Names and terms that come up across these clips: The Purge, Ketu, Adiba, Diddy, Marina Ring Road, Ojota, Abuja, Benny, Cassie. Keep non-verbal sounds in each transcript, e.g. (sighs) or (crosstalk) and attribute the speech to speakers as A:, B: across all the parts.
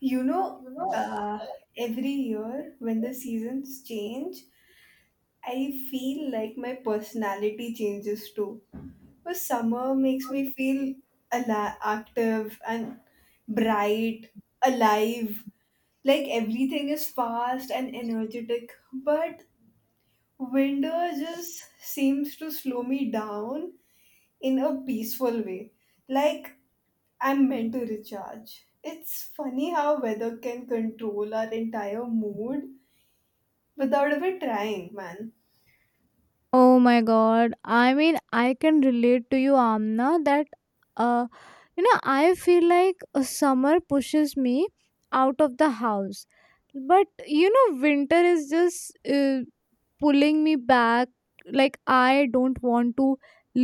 A: You know, uh, every year when the seasons change, I feel like my personality changes too. For summer makes me feel active and bright, alive. Like everything is fast and energetic. But winter just seems to slow me down in a peaceful way. Like I'm meant to recharge. It's funny how weather can control our entire mood without ever trying, man.
B: Oh my god. I mean, I can relate to you, Amna, that uh I feel like summer pushes me out of the house. But winter is just pulling me back, like I don't want to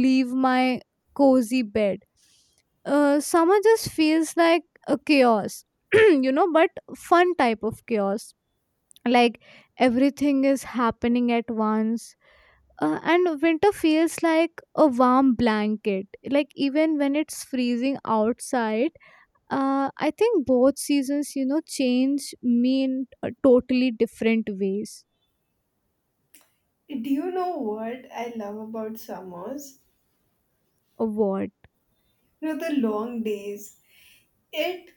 B: leave my cozy bed. Summer just feels like a chaos. (clears throat) But fun type of chaos. Like everything is happening at once, and winter feels like a warm blanket, like even when it's freezing outside. I think both seasons change me in totally different ways.
A: Do you know what I love about summers?
B: Of what?
A: You know the long days. It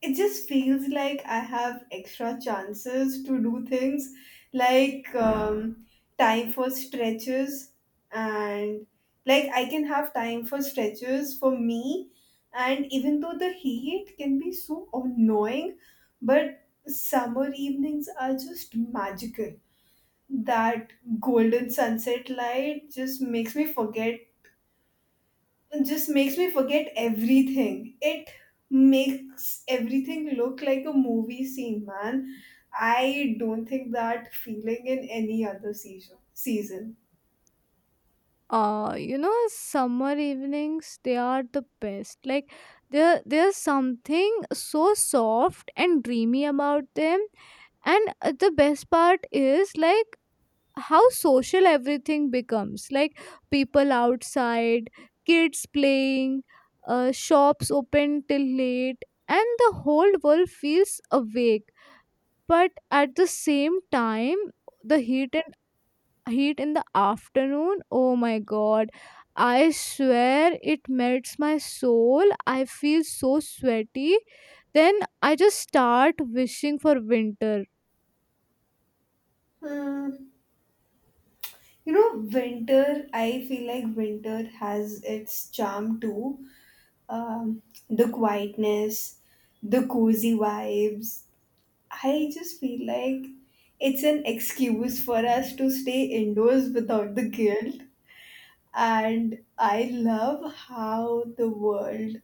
A: it just feels like I have extra chances to do things like time for stretches and like I can have time for stretches for me. And even though the heat can be so annoying, but summer evenings are just magical. That golden sunset light just makes me forget everything. It makes everything look like a movie scene, man. I don't think that feeling in any other season.
B: Summer evenings, they are the best, like there's something so soft and dreamy about them. And the best part is like how social everything becomes, like people outside, kids playing, shops open till late, and the whole world feels awake. But at the same time, the heat in the afternoon, oh my god, I swear it melts my soul. I feel so sweaty. Then I just start wishing for winter.
A: Hmm. You know winter, I feel like winter has its charm too. um, the quietness, the cozy vibes, I just feel like it's an excuse for us to stay indoors without the guilt. And I love how the world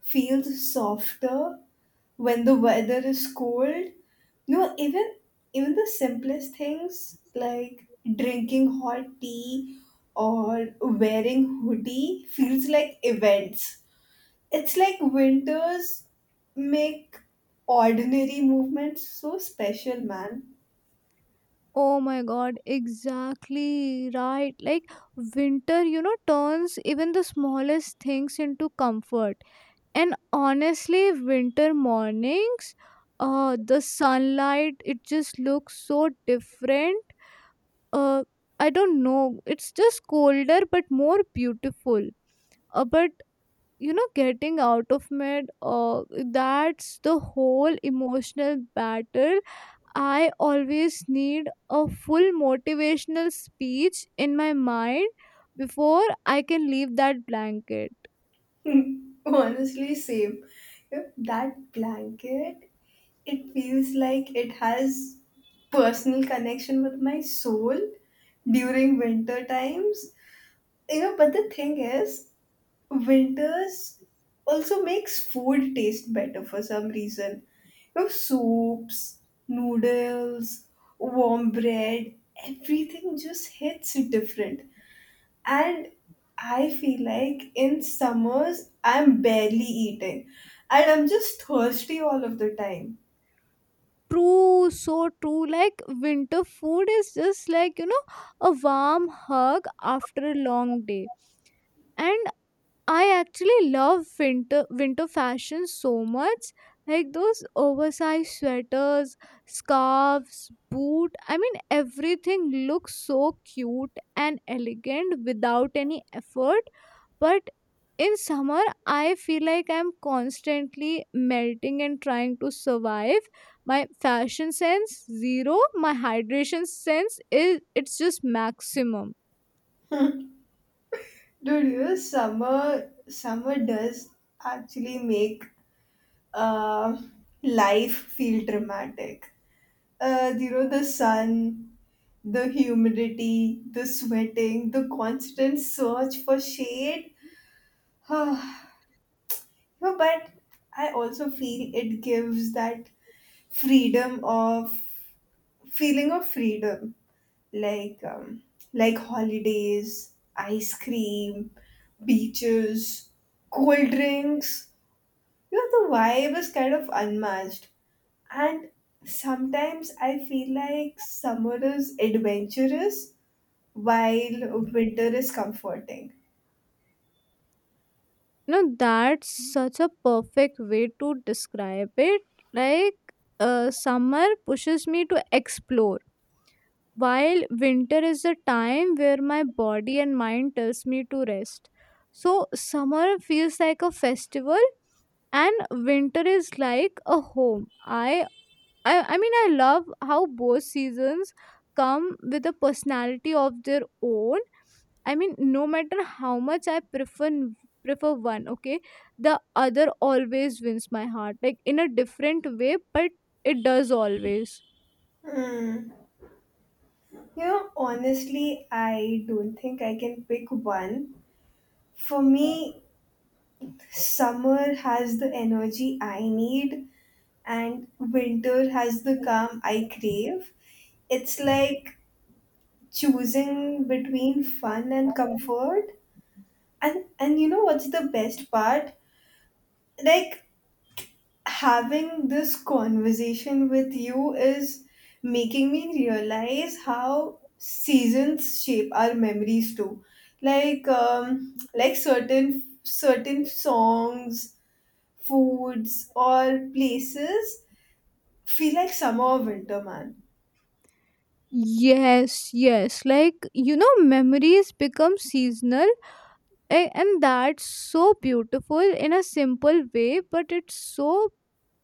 A: feels softer when the weather is cold. No, even the simplest things like drinking hot tea or wearing hoodie feels like events. It's like winters make ordinary movements so special, man.
B: Oh my god, exactly right. Like winter, turns even the smallest things into comfort. And honestly, winter mornings, the sunlight, it just looks so different. Uh I don't know. It's just colder but more beautiful. But getting out of bed, that's the whole emotional battle. I always need a full motivational speech in my mind before I can leave that blanket.
A: (laughs) Honestly, same. You know, that blanket, it feels like it has personal connection with my soul during winter times. You know, but the thing is, winters also makes food taste better for some reason. You know, soups, noodles, warm bread, everything just hits different. And I feel like in summers I'm barely eating, and I'm just thirsty all of the time.
B: True, so true. Like winter food is just like, a warm hug after a long day. And I actually love winter fashion so much. Like those oversized sweaters, scarves, boot. I mean, everything looks so cute and elegant without any effort. But in summer, I feel like I'm constantly melting and trying to survive. My fashion sense zero, my hydration sense is it's just maximum.
A: Dude, you know, summer does actually make uh, life feel dramatic. You know, the sun, the humidity, the sweating, the constant search for shade. (sighs) No, but I also feel it gives that freedom of feeling of freedom, like like holidays, ice cream, beaches, cold drinks. You know, the vibe is kind of unmatched, and sometimes I feel like summer is adventurous while winter is comforting.
B: No, that's such a perfect way to describe it. Like, summer pushes me to explore, while winter is the time where my body and mind tells me to rest. So, summer feels like a festival, and winter is like a home. I mean, I love how both seasons come with a personality of their own. I mean, no matter how much I prefer one, okay, the other always wins my heart, like in a different way, but it does always.
A: Hmm. You know, honestly, I don't think I can pick one. For me, summer has the energy I need, and winter has the calm I crave. It's like choosing between fun and comfort. And you know what's the best part? Like having this conversation with you is making me realize how seasons shape our memories too. Like like certain songs, foods or places feel like summer or winter, man.
B: Yes, yes. Like, memories become seasonal. And that's so beautiful in a simple way, but it's so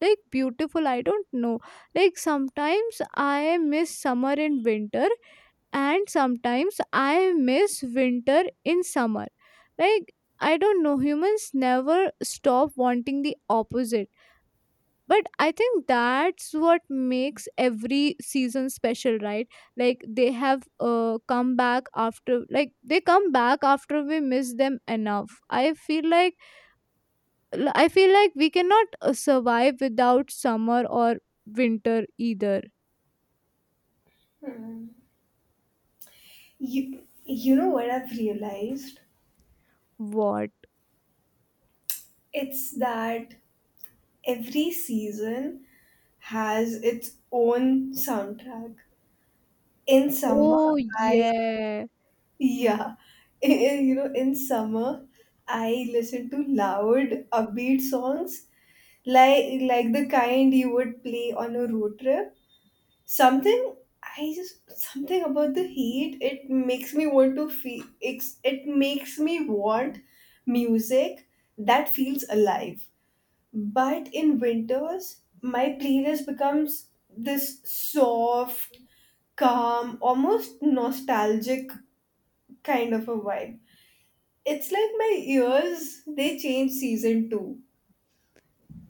B: like beautiful, I don't know. Like sometimes I miss summer and winter, and sometimes I miss winter in summer. Like, I don't know, humans never stop wanting the opposite. But I think that's what makes every season special, right? Like they have come back after like they come back after we miss them enough, I feel like. I feel like we cannot survive without summer or winter either.
A: You know what I've realized?
B: What?
A: It's that every season has its own soundtrack. In summer,
B: Oh
A: I,
B: yeah.
A: yeah, (laughs) you know, in summer, I listen to loud, upbeat songs like the kind you would play on a road trip. Something I just something about the heat. It makes me want to feel. It's, it makes me want music that feels alive. But in winters, my playlist becomes this soft, calm, almost nostalgic kind of a vibe. It's like my ears they change season too. (laughs)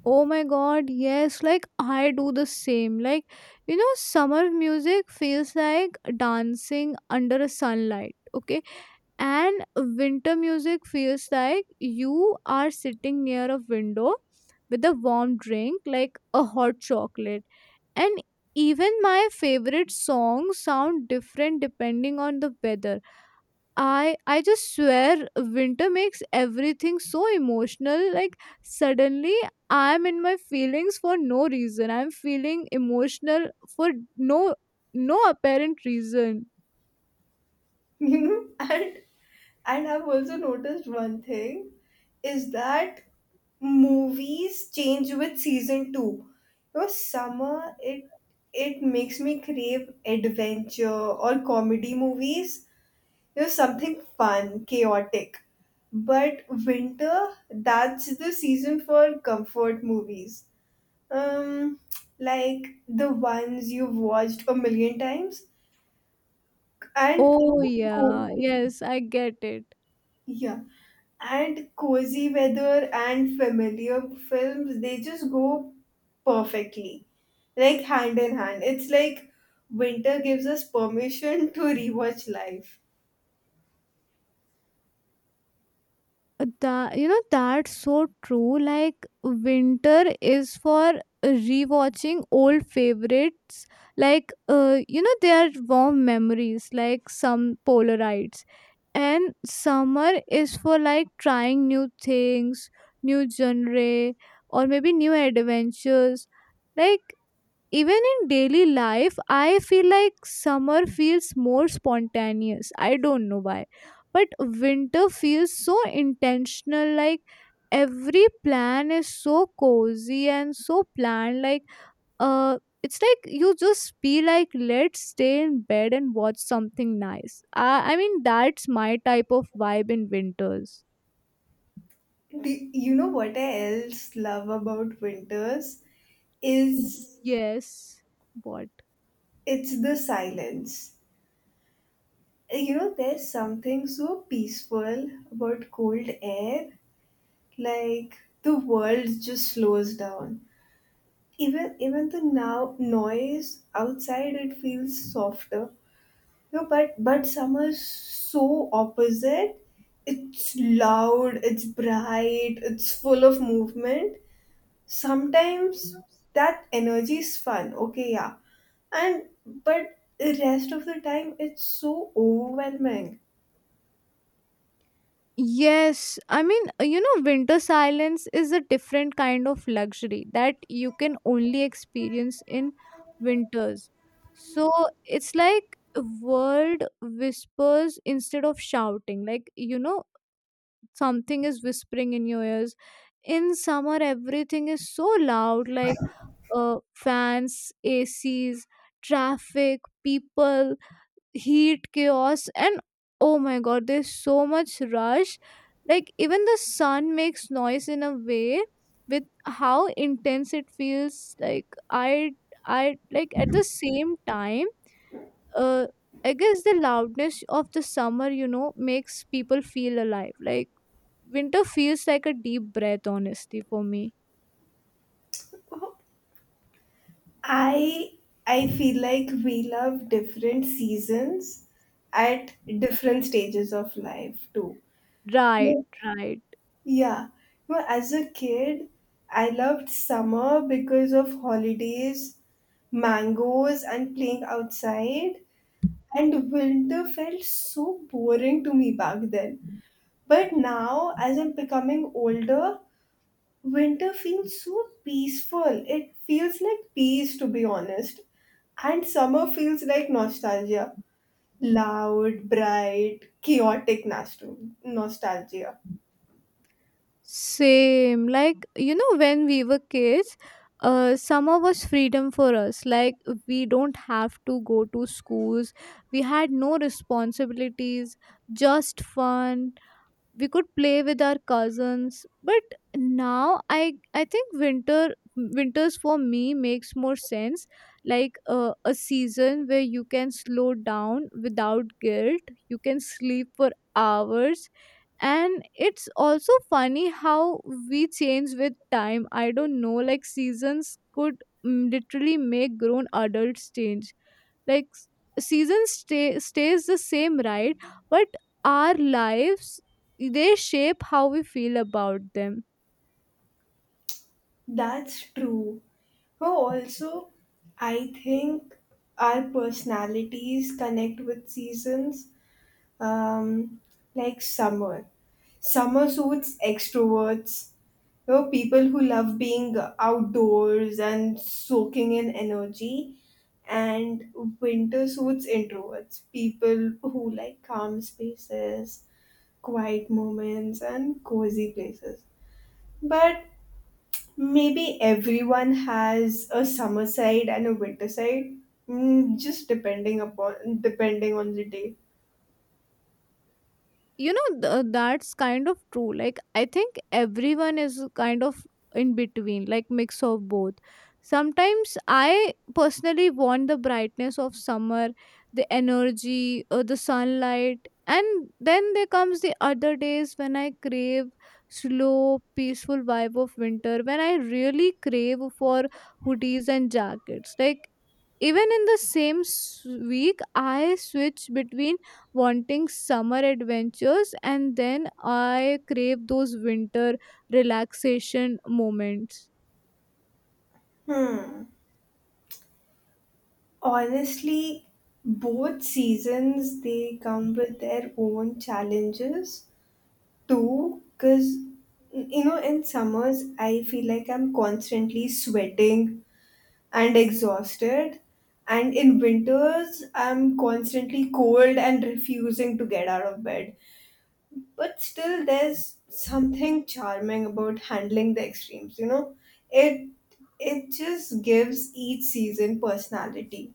B: Oh my god, yes. Like I do the same. Like, summer music feels like dancing under a sunlight, okay. And winter music feels like you are sitting near a window with a warm drink, like a hot chocolate. And even my favorite songs sound different depending on the weather. I just swear winter makes everything so emotional. Like suddenly I'm in my feelings for no reason, I'm feeling emotional for no no apparent reason.
A: You know, and I've also noticed one thing is that movies change with season two. You know, summer, it makes me crave adventure or comedy movies. You know, something fun, chaotic. But winter, that's the season for comfort movies. Um, like the ones you've watched a million times, and you
B: Oh
A: know,
B: yeah, yes, I get it.
A: yeah. And cozy weather and familiar films, they just go perfectly, like hand in hand. It's like winter gives us permission to rewatch life.
B: That, that's so true. Like winter is for rewatching old favorites, like they are warm memories, like some polarites. And summer is for like trying new things, new genre, or maybe new adventures. Like even in daily life, I feel like summer feels more spontaneous. I don't know why, but winter feels so intentional. Like every plan is so cozy and so planned. Like, uh it's like you just be like let's stay in bed and watch something nice. I mean that's my type of vibe in winters.
A: You know what I else love about winters is
B: Yes. What?
A: it's the silence. You know, there's something so peaceful about cold air, like the world just slows down. Even the now noise outside, it feels softer. No, but summer's so opposite. It's loud, it's bright, it's full of movement. Sometimes that energy is fun, okay, yeah, and but the rest of the time it's so overwhelming.
B: Yes, I mean, winter silence is a different kind of luxury that you can only experience in winters. So it's like world whispers instead of shouting. Like, something is whispering in your ears. In summer, everything is so loud, like fans, ACs, traffic, people, heat chaos, and oh my god, there's so much rush. Like even the sun makes noise in a way with how intense it feels. Like I like at the same time, uh I guess the loudness of the summer, makes people feel alive. Like winter feels like a deep breath, honestly, for me.
A: I i feel like we love different seasons at different stages of life too.
B: Right,
A: Yeah.
B: right.
A: Yeah. Well, as a kid, I loved summer because of holidays, mangoes, and playing outside. And winter felt so boring to me back then. But now, as I'm becoming older, winter feels so peaceful. It feels like peace, to be honest. And summer feels like nostalgia. Loud, bright, chaotic, nostalgia.
B: Same. Like, when we were kids, summer was freedom for us. Like, we don't have to go to schools. We had no responsibilities, just fun. We could play with our cousins. But now, I think winters for me makes more sense. Like a season where you can slow down without guilt. You can sleep for hours. And it's also funny how we change with time. I don't know, like seasons could literally make grown adults change. Like season stays the same, right? But our lives, they shape how we feel about them.
A: That's true. Oh, also, I think our personalities connect with seasons. Um, like summer suits extroverts. You know, people who love being outdoors and soaking in energy, and winter suits introverts. People who like calm spaces, quiet moments, and cozy places. But maybe everyone has a summer side and a winter side, just depending on the day.
B: That's kind of true. Like I think everyone is kind of in between, like mix of both. Sometimes I personally want the brightness of summer, the energy, the sunlight. And then there comes the other days when I crave slow peaceful vibe of winter, when I really crave for hoodies and jackets. Like even in the same week, I switch between wanting summer adventures and then I crave those winter relaxation moments.
A: Hmm. Honestly, both seasons they come with their own challenges too. Cause you know, in summers I feel like I'm constantly sweating and exhausted, and in winters I'm constantly cold and refusing to get out of bed. But still there's something charming about handling the extremes, you know. It it just gives each season personality.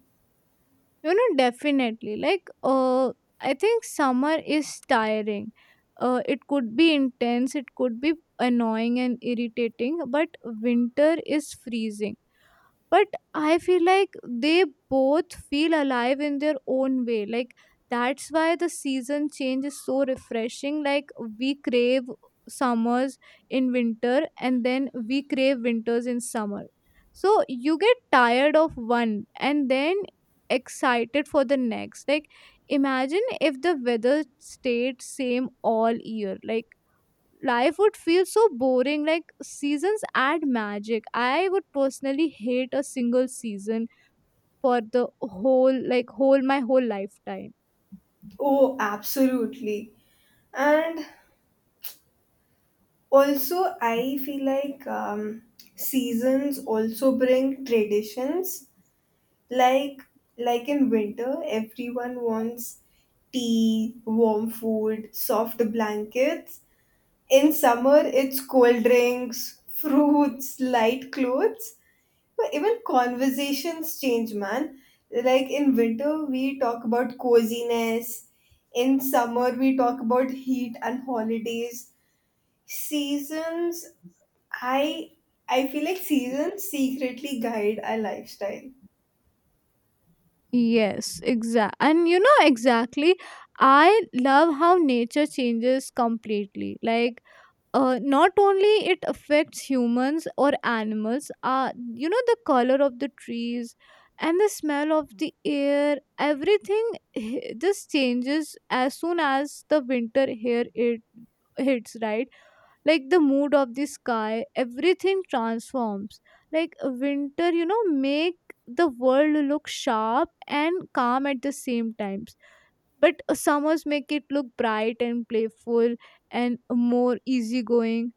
B: You know, definitely. Like, I think summer is tiring. It could be intense, it could be annoying and irritating, but winter is freezing. But I feel like they both feel alive in their own way. Like that's why the season change is so refreshing. Like we crave summers in winter and then we crave winters in summer. So you get tired of one and then excited for the next. Like imagine if the weather stayed same all year. Like life would feel so boring. Like seasons add magic. I would personally hate a single season for the whole my whole lifetime.
A: Oh, absolutely. And also I feel like seasons also bring traditions, like like in winter everyone wants tea, warm food, soft blankets. In summer, it's cold drinks, fruits, light clothes. But even conversations change, man. Like in winter, we talk about coziness. In summer, we talk about heat and holidays. Seasons, I I feel like seasons secretly guide our lifestyle.
B: Yes, exact, and you know exactly, I love how nature changes completely. Like, not only it affects humans or animals, the color of the trees and the smell of the air, everything just changes as soon as the winter here it hits, right? Like the mood of the sky, everything transforms. Like, winter, make the world look sharp and calm at the same times. But summers make it look bright and playful and more easygoing.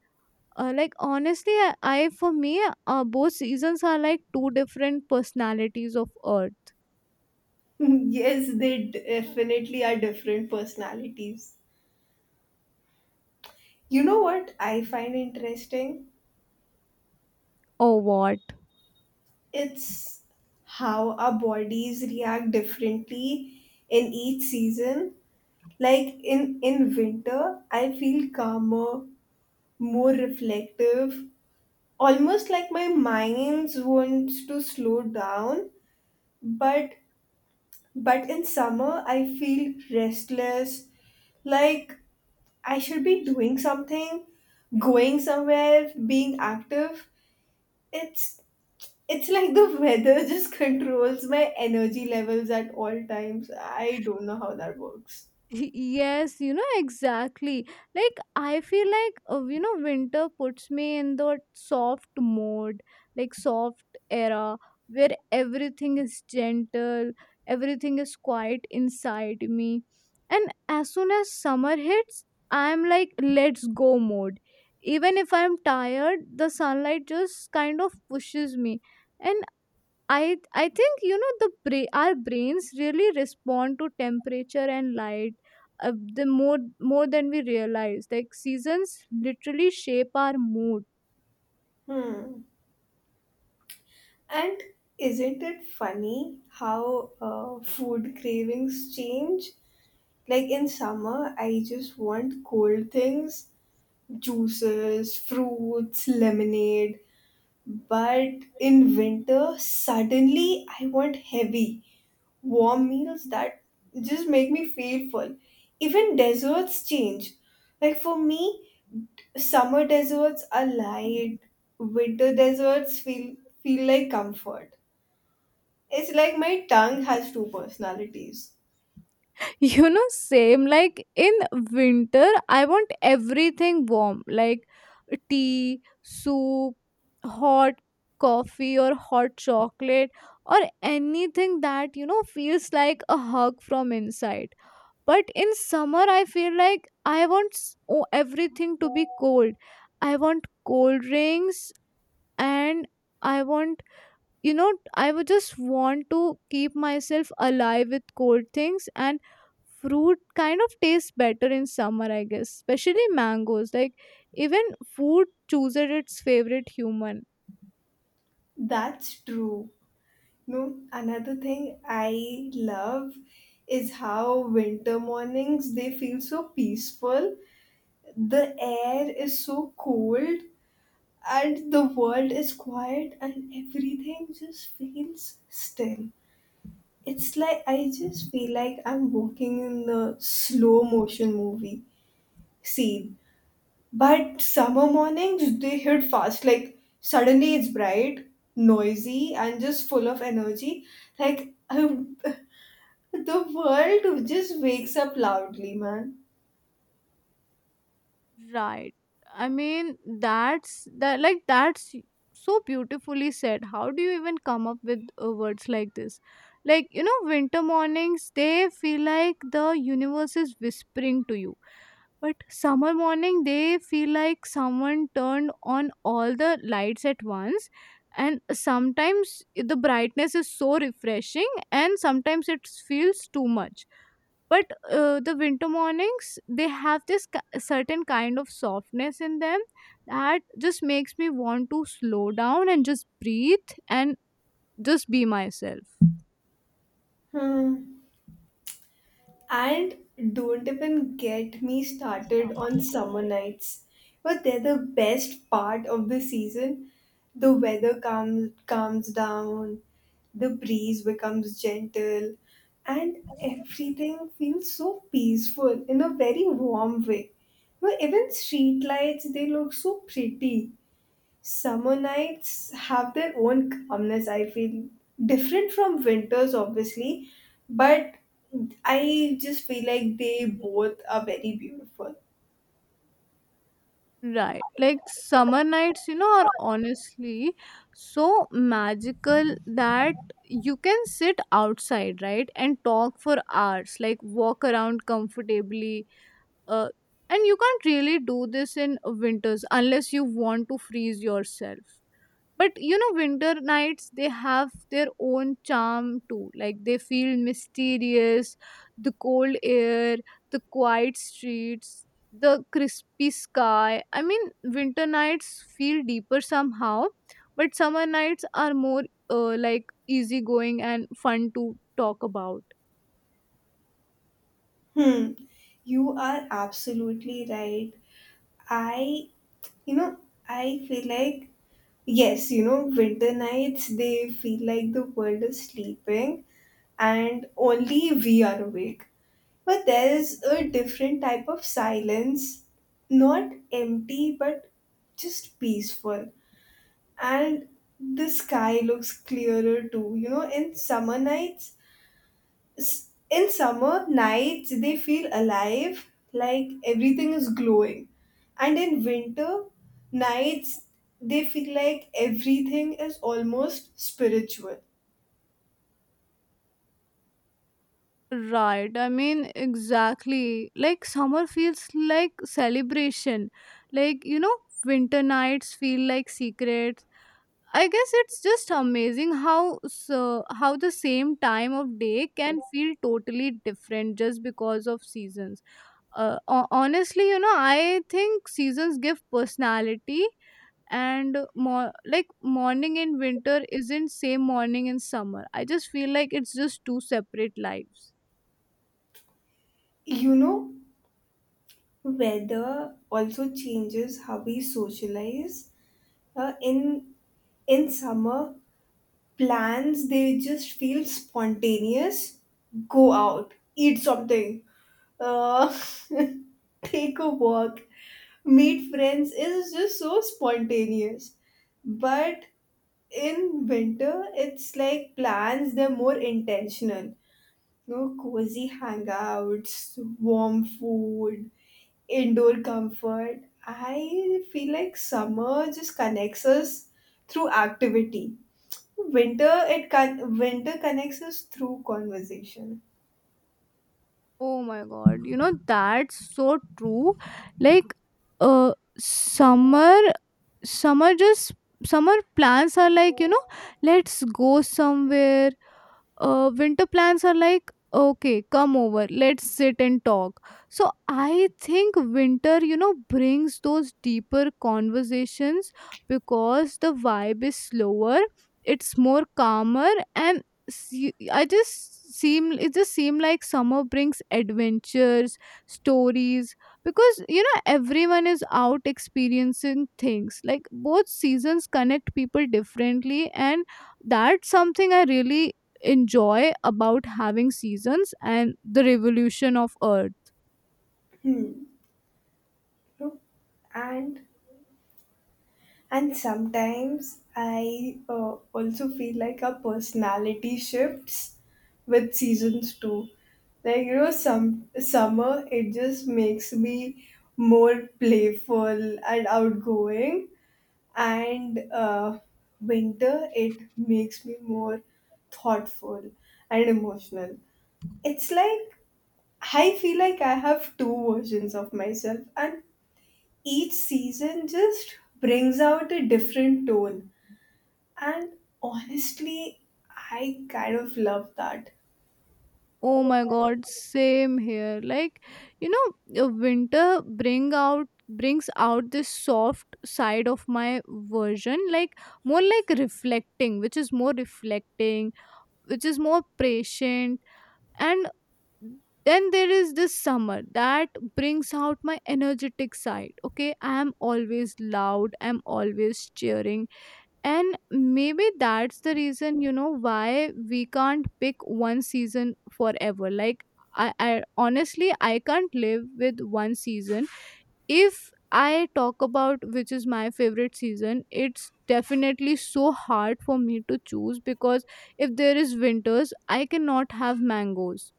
B: Like honestly, I for me, both seasons are like two different personalities of earth.
A: (laughs) Yes, they definitely are different personalities. You know what I find interesting?
B: Or what?
A: It's how our bodies react differently in each season. Like in winter, I feel calmer, more reflective, almost like my mind wants to slow down. But but in summer, I feel restless, like I should be doing something, going somewhere, being active. It's it's like the weather just (laughs) controls my energy levels at all times. I don't know how that works.
B: (laughs) Yes, you know, exactly. Like I feel like, winter puts me in the soft mode. Like soft era, where everything is gentle, everything is quiet inside me. And as soon as summer hits, I'm like let's go mode. Even if I'm tired, the sunlight just kind of pushes me. And I think, the our brains really respond to temperature and light. uh, the more than we realize. Like seasons literally shape our mood.
A: Hmm. And isn't it funny how food cravings change? Like in summer, I just want cold things, juices, fruits, lemonade. But in winter, suddenly I want heavy, warm meals that just make me feel full. Even desserts change. Like for me, summer desserts are light, winter desserts feel like comfort. It's like my tongue has two personalities.
B: (laughs) Same. Like in winter I want everything warm, like tea, soup, hot coffee or hot chocolate, or anything that, feels like a hug from inside. But in summer I feel like I want everything to be cold. I want cold drinks. And I want, you know I would just want to keep myself alive with cold things. And fruit kind of tastes better in summer, I guess, especially mangoes. Like even food chooses its favorite human.
A: That's true. No, another thing I love is how winter mornings they feel so peaceful. The air is so cold and the world is quiet and everything just feels still. It's like I just feel like I'm walking in the slow motion movie. See, but summer mornings, they hit fast. Like, suddenly it's bright, noisy, and just full of energy. Like, I- (laughs) the world just wakes up loudly, man.
B: Right. I mean, that's that like that's so beautifully said. How do you even come up with, words like this? Like, winter mornings, they feel like the universe is whispering to you. But summer morning, they feel like someone turned on all the lights at once. And sometimes the brightness is so refreshing and sometimes it feels too much. But the winter mornings, they have this certain kind of softness in them that just makes me want to slow down and just breathe and just be myself.
A: Hmm. And don't even get me started on summer nights. But they're the best part of the season. The weather calms down, the breeze becomes gentle, and everything feels so peaceful in a very warm way. But even street lights, they look so pretty. Summer nights have their own calmness, I feel. Different from winters, obviously, but I just feel like they both are very beautiful.
B: Right, like summer nights, are honestly so magical, that you can sit outside, right, and talk for hours, like walk around comfortably, uh, and you can't really do this in winters unless you want to freeze yourself. But winter nights, they have their own charm too. Like they feel mysterious, the cold air, the quiet streets, the crispy sky. I mean winter nights feel deeper somehow. But summer nights are more, like easygoing and fun to talk about.
A: Hmm. You are absolutely right. I, you know, I feel like, yes, you know, winter nights, they feel like the world is sleeping and only we are awake. But there is a different type of silence, not empty, but just peaceful. And the sky looks clearer too. You know, in summer nights, they feel alive, like everything is glowing. And in winter nights, they feel like everything is almost spiritual.
B: Right, I mean exactly. Like summer feels like celebration. Like, winter nights feel like secrets. I guess it's just amazing how so, how the same time of day can feel totally different just because of seasons. Honestly, I think seasons give personality and more like morning in winter isn't same morning in summer. I just feel like it's just two separate lives.
A: You know, weather also changes how we socialize. Uh, in in summer, plans they just feel spontaneous. Go out, eat something, uh, (laughs) take a walk, meet friends is just so spontaneous. But in winter it's like plans, they're more intentional. No, cozy hangouts, warm food, indoor comfort. I feel like summer just connects us through activity. Winter, winter connects us through conversation.
B: Oh my god, that's so true. Like uh summer summer just summer plans are like, let's go somewhere. Winter plans are like, okay, come over, let's sit and talk. So I think winter, brings those deeper conversations, because the vibe is slower, it's more calmer. And see, I just seem it just seem like summer brings adventures, stories, because, everyone is out experiencing things. Like both seasons connect people differently, and that's something I really enjoy about having seasons and the revolution of earth.
A: Hmm. No? And and sometimes I also feel like our personality shifts with seasons too. Like you know, some summer it just makes me more playful and outgoing, and winter it makes me more thoughtful and emotional. It's like I feel like I have two versions of myself, and each season just brings out a different tone. And honestly, I kind of love that.
B: Oh my god, same here. Like, you know winter brings out this soft side of my version. Like more like reflecting which is more reflecting, which is more patient. And then there is this summer that brings out my energetic side. Okay, I am always loud, I'm always cheering. And maybe that's the reason, why we can't pick one season forever. Like, I honestly, I can't live with one season. If I talk about which is my favorite season, it's definitely so hard for me to choose because if there is winters, I cannot have mangoes.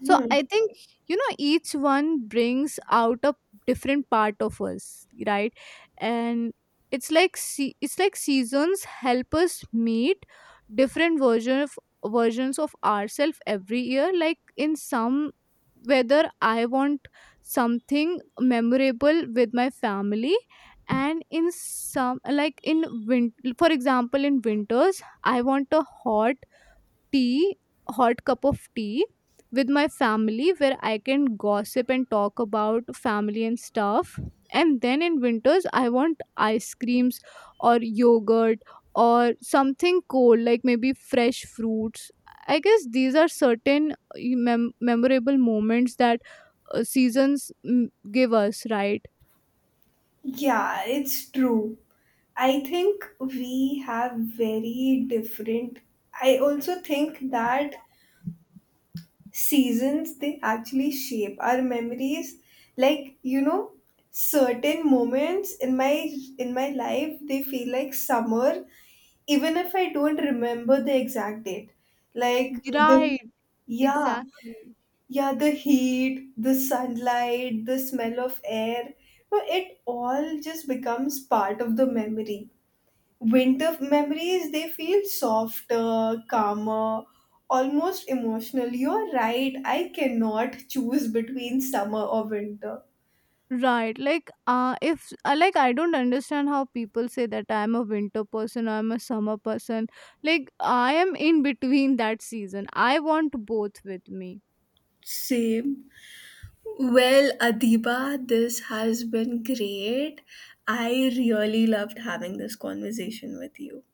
B: So
A: Hmm.
B: I think, each one brings out a different part of us, right? And it's like it's like seasons help us meet different versions of ourselves every year. Like in some weather, I want something memorable with my family, and in some, like for example in winters, I want a hot tea, hot cup of tea with my family where I can gossip and talk about family and stuff. And then in winters, I want ice creams or yogurt or something cold, like maybe fresh fruits. I guess these are certain memorable moments that seasons give us, right?
A: Yeah, it's true. I think we have very different. I also think that seasons they actually shape our memories. Like, you know, certain moments in my life they feel like summer even if I don't remember the exact date, like the
B: Right,
A: yeah,
B: exactly.
A: yeah, the heat, the sunlight, the smell of air, no, it all just becomes part of the memory. Winter memories, they feel softer, calmer, almost emotional. You're right, I cannot choose between summer or winter.
B: Right. Like, if, like, I don't understand how people say that I'm a winter person or I'm a summer person. Like, I am in between that season. I want both with me.
A: Same. Well, Adiba, this has been great. I really loved having this conversation with you.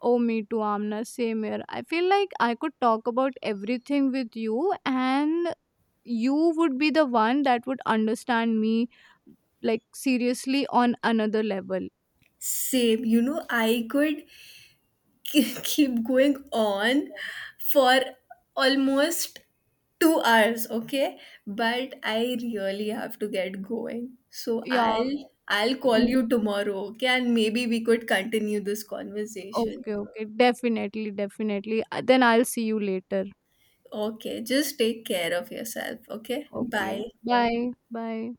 B: Oh, me too, Amna. Same here. I feel like I could talk about everything with you, and you would be the one that would understand me, like, seriously, on another level.
A: Same, you know, I could (laughs) keep going on for almost 2 hours, okay? But I really have to get going. So
B: Yeah.
A: I'll call
B: mm,
A: you tomorrow, okay? And maybe we could continue this conversation.
B: Okay. Okay. Definitely. Definitely. Then I'll see you later.
A: Okay, just take care of yourself, okay?
B: Okay.
A: Bye.
B: Bye. Bye.